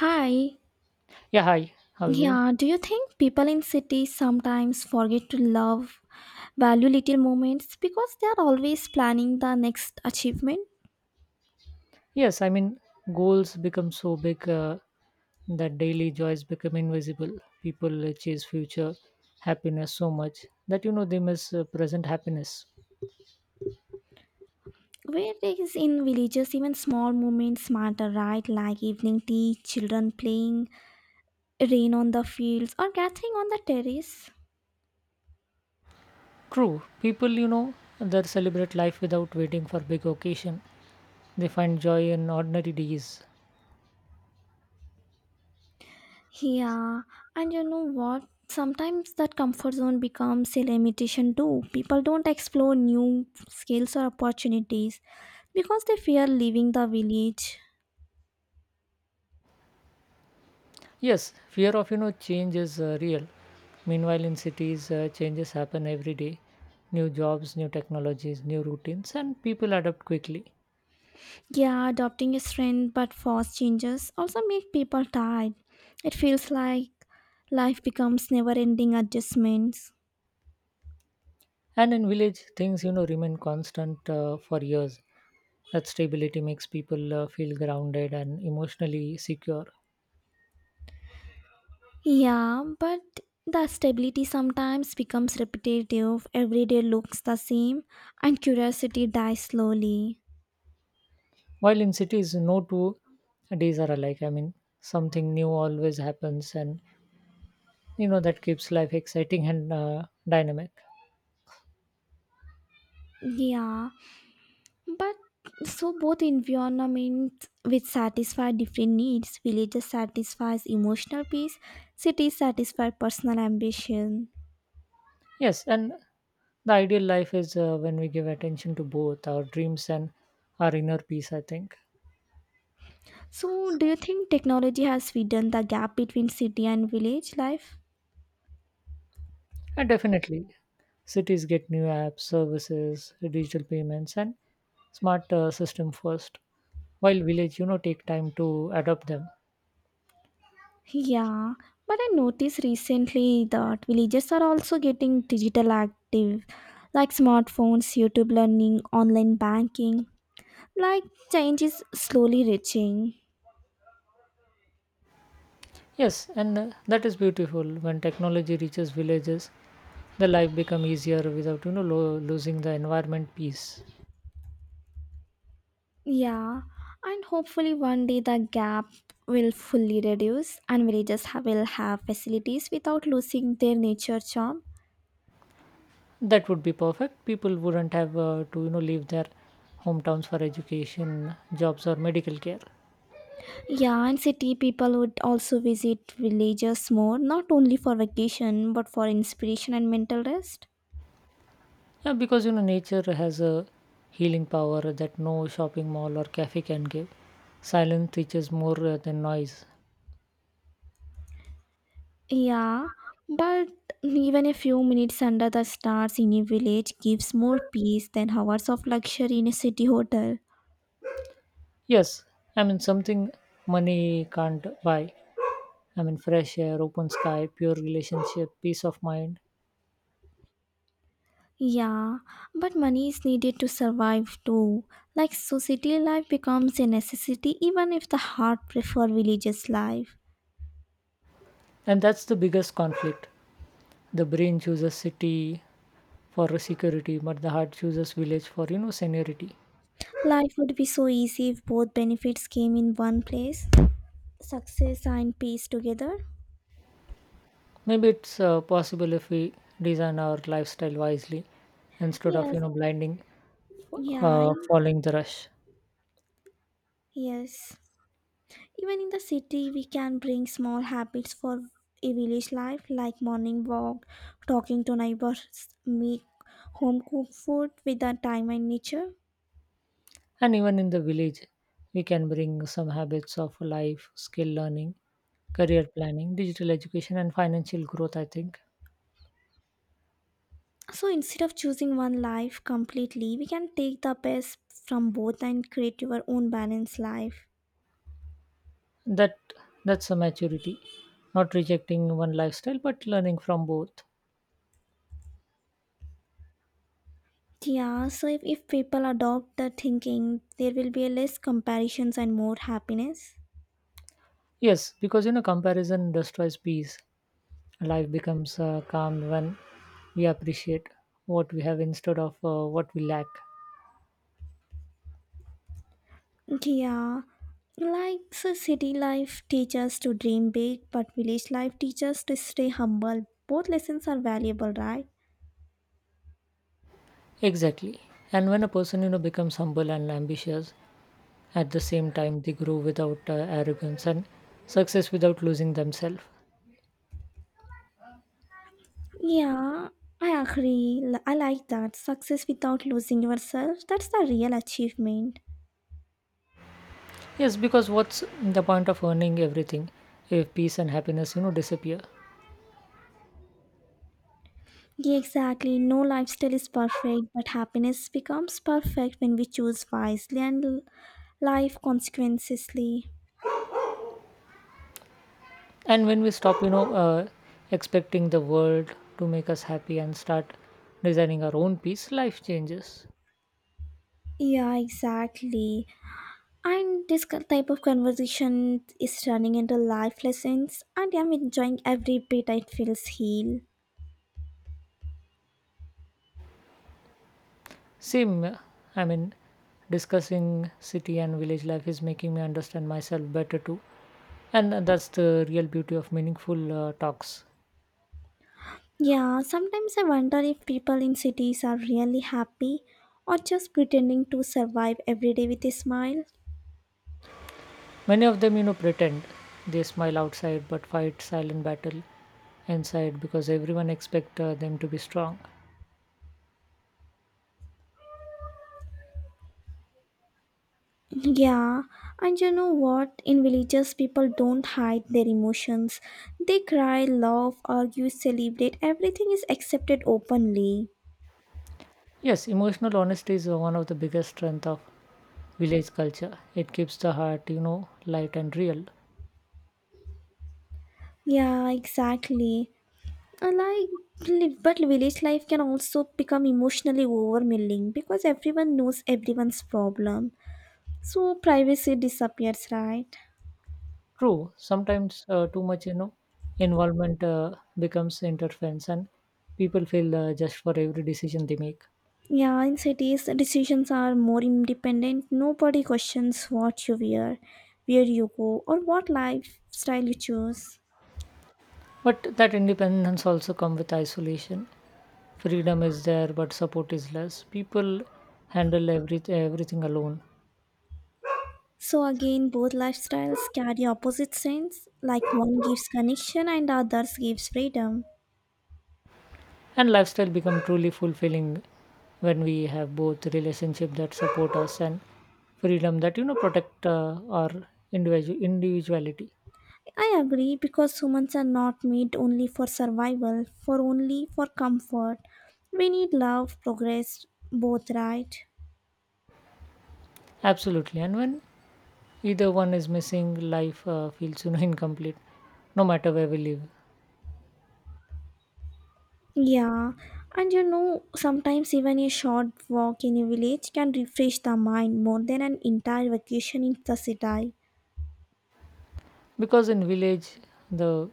Hi. Yeah, hi. How are you? Yeah, do you think people in cities sometimes forget to love, value little moments because they are always planning the next achievement? Yes, I mean, goals become so big that daily joys become invisible. People chase future happiness so much that they miss present happiness. Whereas in villages, even small moments matter, right? Like evening tea, children playing, rain on the fields, or gathering on the terrace. True, people that celebrate life without waiting for big occasion. They find joy in ordinary days. Yeah, and you know what? Sometimes that comfort zone becomes a limitation too. People don't explore new skills or opportunities because they fear leaving the village. Yes, fear of change is real. Meanwhile, in cities, changes happen every day. New jobs, new technologies, new routines, and people adapt quickly. Yeah, adopting a trend but fast changes also make people tired. It feels like life becomes never ending adjustments. And in village, things remain constant for years. That stability makes people feel grounded and emotionally secure. Yeah, but the stability sometimes becomes repetitive, every day looks the same, and curiosity dies slowly. While in cities, no two days are alike. I mean, something new always happens, and that keeps life exciting and dynamic. Yeah, but so both environments which satisfy different needs, villages satisfies emotional peace, cities satisfy personal ambition. Yes, and the ideal life is when we give attention to both our dreams and our inner peace, I think. So do you think technology has widened the gap between city and village life? And definitely, cities get new apps, services, digital payments, and smart system first, while village, take time to adopt them. Yeah, but I noticed recently that villages are also getting digital active, like smartphones, YouTube learning, online banking. Like change is slowly reaching. Yes, and that is beautiful. When technology reaches villages, the life become easier without losing the environment piece. Yeah, and hopefully one day the gap will fully reduce and will have facilities without losing their nature charm. That would be perfect. People wouldn't have to leave their hometowns for education, jobs, or medical care. Yeah, and city people would also visit villages more, not only for vacation but for inspiration and mental rest. Yeah, because nature has a healing power that no shopping mall or cafe can give. Silence teaches more than noise. Yeah, but even a few minutes under the stars in a village gives more peace than hours of luxury in a city hotel. Yes, I mean something money can't buy. I mean fresh air, open sky, pure relationship, peace of mind. Yeah, but money is needed to survive too. Like, so city life becomes a necessity even if the heart prefer villages life. And that's the biggest conflict. The brain chooses city for security, but the heart chooses village for seniority. Life would be so easy if both benefits came in one place. Success and peace together. Maybe it's possible if we design our lifestyle wisely instead of Yes, blinding yeah, following the rush. yes. Even in the city, we can bring small habits for a village life, like morning walk, talking to neighbors, make home cooked food with the time and nature. And even in the village, we can bring some habits of life, skill learning, career planning, digital education, and financial growth. I think So instead of choosing one life completely, we can take the best from both and create your own balanced life. that that's a maturity, not rejecting one lifestyle but learning from both. Yeah, so if people adopt the thinking, there will be less comparisons and more happiness. Yes, because comparison destroys peace. Life becomes calm when we appreciate what we have instead of what we lack. Yeah, like so city life teaches to dream big, but village life teaches to stay humble. Both lessons are valuable, right? Exactly. And when a person, becomes humble and ambitious, at the same time they grow without arrogance and success without losing themselves. Yeah, I agree. I like that. Success without losing yourself, that's the real achievement. Yes, because what's the point of earning everything if peace and happiness disappear? Yeah, exactly. No lifestyle is perfect, but happiness becomes perfect when we choose wisely and life consequently. And when we stop expecting the world to make us happy and start designing our own peace, life changes. Yeah, exactly. And this type of conversation is turning into life lessons, and I'm enjoying every bit. It feels heal. Same, I mean, discussing city and village life is making me understand myself better too. And that's the real beauty of meaningful talks. Yeah, sometimes I wonder if people in cities are really happy or just pretending to survive every day with a smile. Many of them, pretend they smile outside but fight silent battle inside because everyone expect them to be strong. Yeah, and you know what? In villages, people don't hide their emotions. They cry, laugh, argue, celebrate. Everything is accepted openly. Yes, emotional honesty is one of the biggest strength of village culture. It keeps the heart, light and real. Yeah, exactly. Like, but village life can also become emotionally overwhelming because everyone knows everyone's problem. So privacy disappears, right? True, sometimes too much, involvement becomes interference, and people feel just for every decision they make. Yeah, in cities, the decisions are more independent. Nobody questions what you wear, where you go, or what lifestyle you choose. But that independence also come with isolation. Freedom is there, but support is less. People handle everything alone, So, again, both lifestyles carry opposite strengths, like one gives connection and the others gives freedom. and lifestyle become truly fulfilling when we have both relationship that support us and freedom that protect our individuality. I agree because humans are not made only for survival, for only for comfort. We need love, progress, both, right? Absolutely, and when either one is missing life feels incomplete no matter where we live. Yeah, and you know, sometimes even a short walk in a village can refresh the mind more than an entire vacation in the city. Because in village the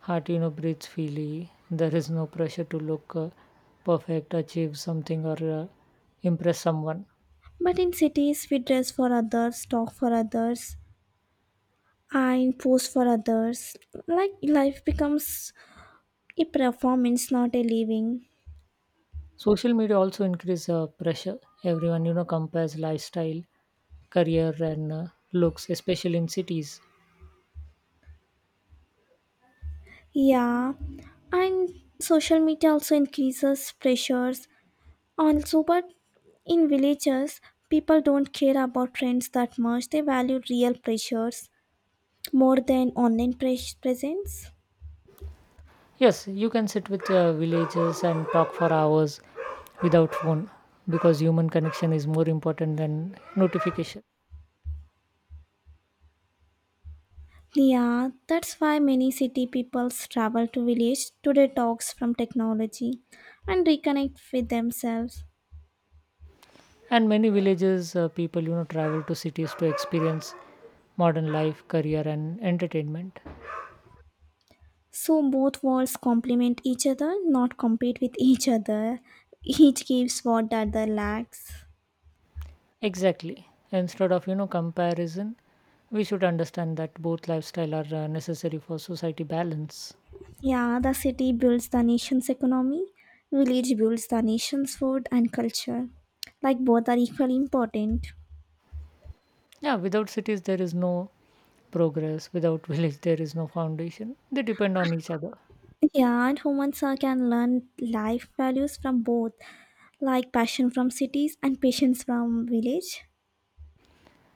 heart breathes freely. There is no pressure to look perfect, achieve something, or impress someone. But in cities, we dress for others, talk for others, and pose for others. Like life becomes a performance, not a living. Social media also increase pressure. Everyone compares lifestyle, career, and looks, especially in cities. Yeah, and social media also increases pressures. Also, but in villages, people don't care about trends that much. They value real pressures more than online presence. Yes, you can sit with villagers and talk for hours without phone because human connection is more important than notification. Yeah, that's why many city peoples travel to village to detox from technology and reconnect with themselves. And many villages people travel to cities to experience modern life, career, and entertainment. So both worlds complement each other, not compete with each other. Each gives what the other lacks. Exactly. Instead of comparison, we should understand that both lifestyle are necessary for society balance. Yeah, the city builds the nation's economy, village builds the nation's food and culture. Like both are equally important. Yeah, without cities there is no progress, without village there is no foundation. They depend on each other. Yeah, and humans can learn life values from both. Like passion from cities and patience from village.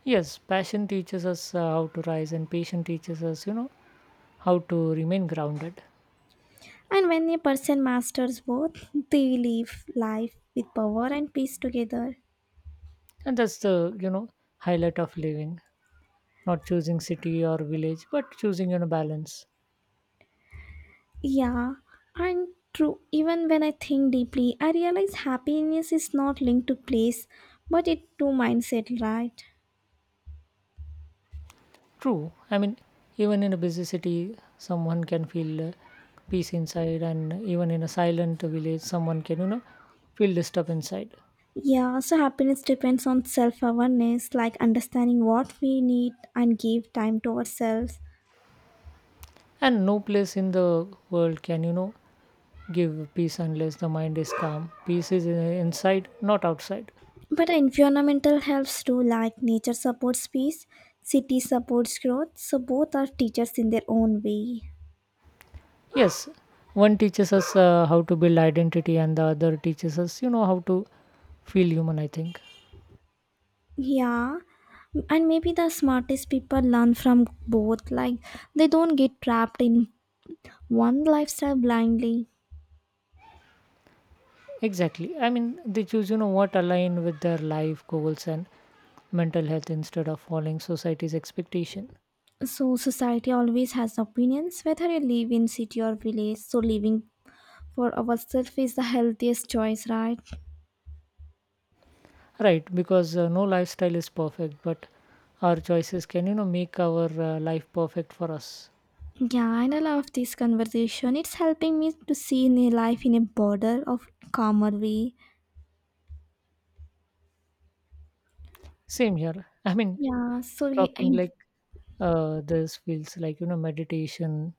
Yes, passion teaches us how to rise, and patience teaches us, how to remain grounded. And when a person masters both, they live life with power and peace together. And that's the, highlight of living, not choosing city or village, but choosing, balance. Yeah, and true. Even when I think deeply, I realize happiness is not linked to place, but it to mindset, right? True. I mean, even in a busy city, someone can feel peace inside, and even in a silent village, someone can, feel disturbed inside. Yeah, so happiness depends on self awareness, like understanding what we need and give time to ourselves. And no place in the world can, give peace unless the mind is calm. Peace is inside, not outside. But environmental helps too, like nature supports peace, city supports growth, so both are teachers in their own way. Yes, one teaches us how to build identity, and the other teaches us, how to feel human, I think. Yeah, and maybe the smartest people learn from both, like they don't get trapped in one lifestyle blindly. Exactly. I mean, they choose, what align with their life goals and mental health instead of following society's expectation. So, society always has opinions whether you live in city or village, so living for ourselves is the healthiest choice, right? Right, because no lifestyle is perfect, but our choices can, make our life perfect for us. Yeah, and I love this conversation. It's helping me to see in a life in a broader of calmer way. Same here. I mean, Yeah, so we, talking like in, this feels like meditation,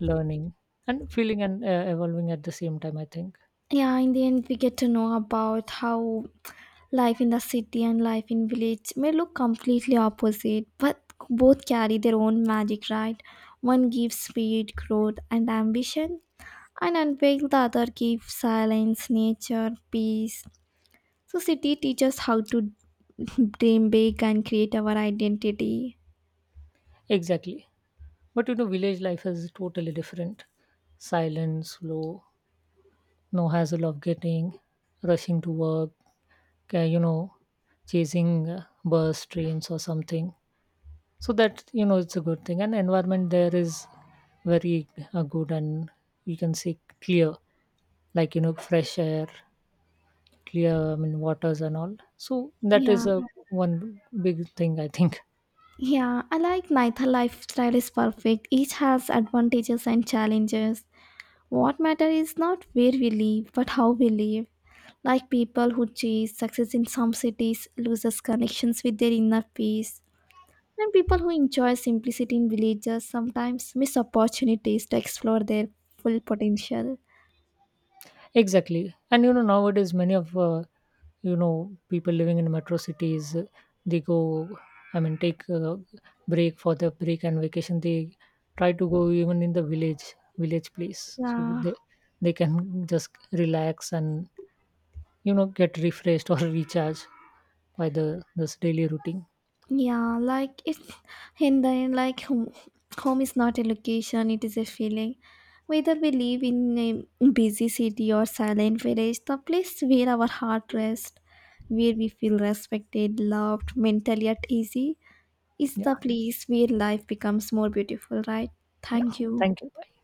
learning, and feeling and evolving at the same time, I think. yeah, in the end, we get to know about how life in the city and life in village may look completely opposite, but both carry their own magic, right? One gives speed, growth, and ambition, and unveil the other gives silence, nature, peace. So, city teaches how to dream big and create our identity. Exactly. But village life is totally different. Silent, slow, no hassle of getting, rushing to work, uh, you know, chasing bus, trains, or something. So that, it's a good thing. And environment there is very good and you can say clear, like, fresh air, clear, I mean, waters and all. So that is Yeah, a one big thing, I think. yeah. I like neither lifestyle is perfect. Each has advantages and challenges. What matters is not where we live, but how we live. Like people who chase success in some cities loses connections with their inner peace. And people who enjoy simplicity in villages sometimes miss opportunities to explore their full potential. Exactly. And nowadays, many of people living in metro cities, they go. I mean, take a break for the break and vacation. They try to go even in the village place, so Yeah. they can just relax and get refreshed or recharge by the this daily routine. Yeah, like it's and then, like home is not a location, it is a feeling. Whether we live in a busy city or silent village, the place where our heart rests, where we feel respected, loved, mentally at easy, is Yeah, the place where life becomes more beautiful, right? yeah. Thank you. Thank you.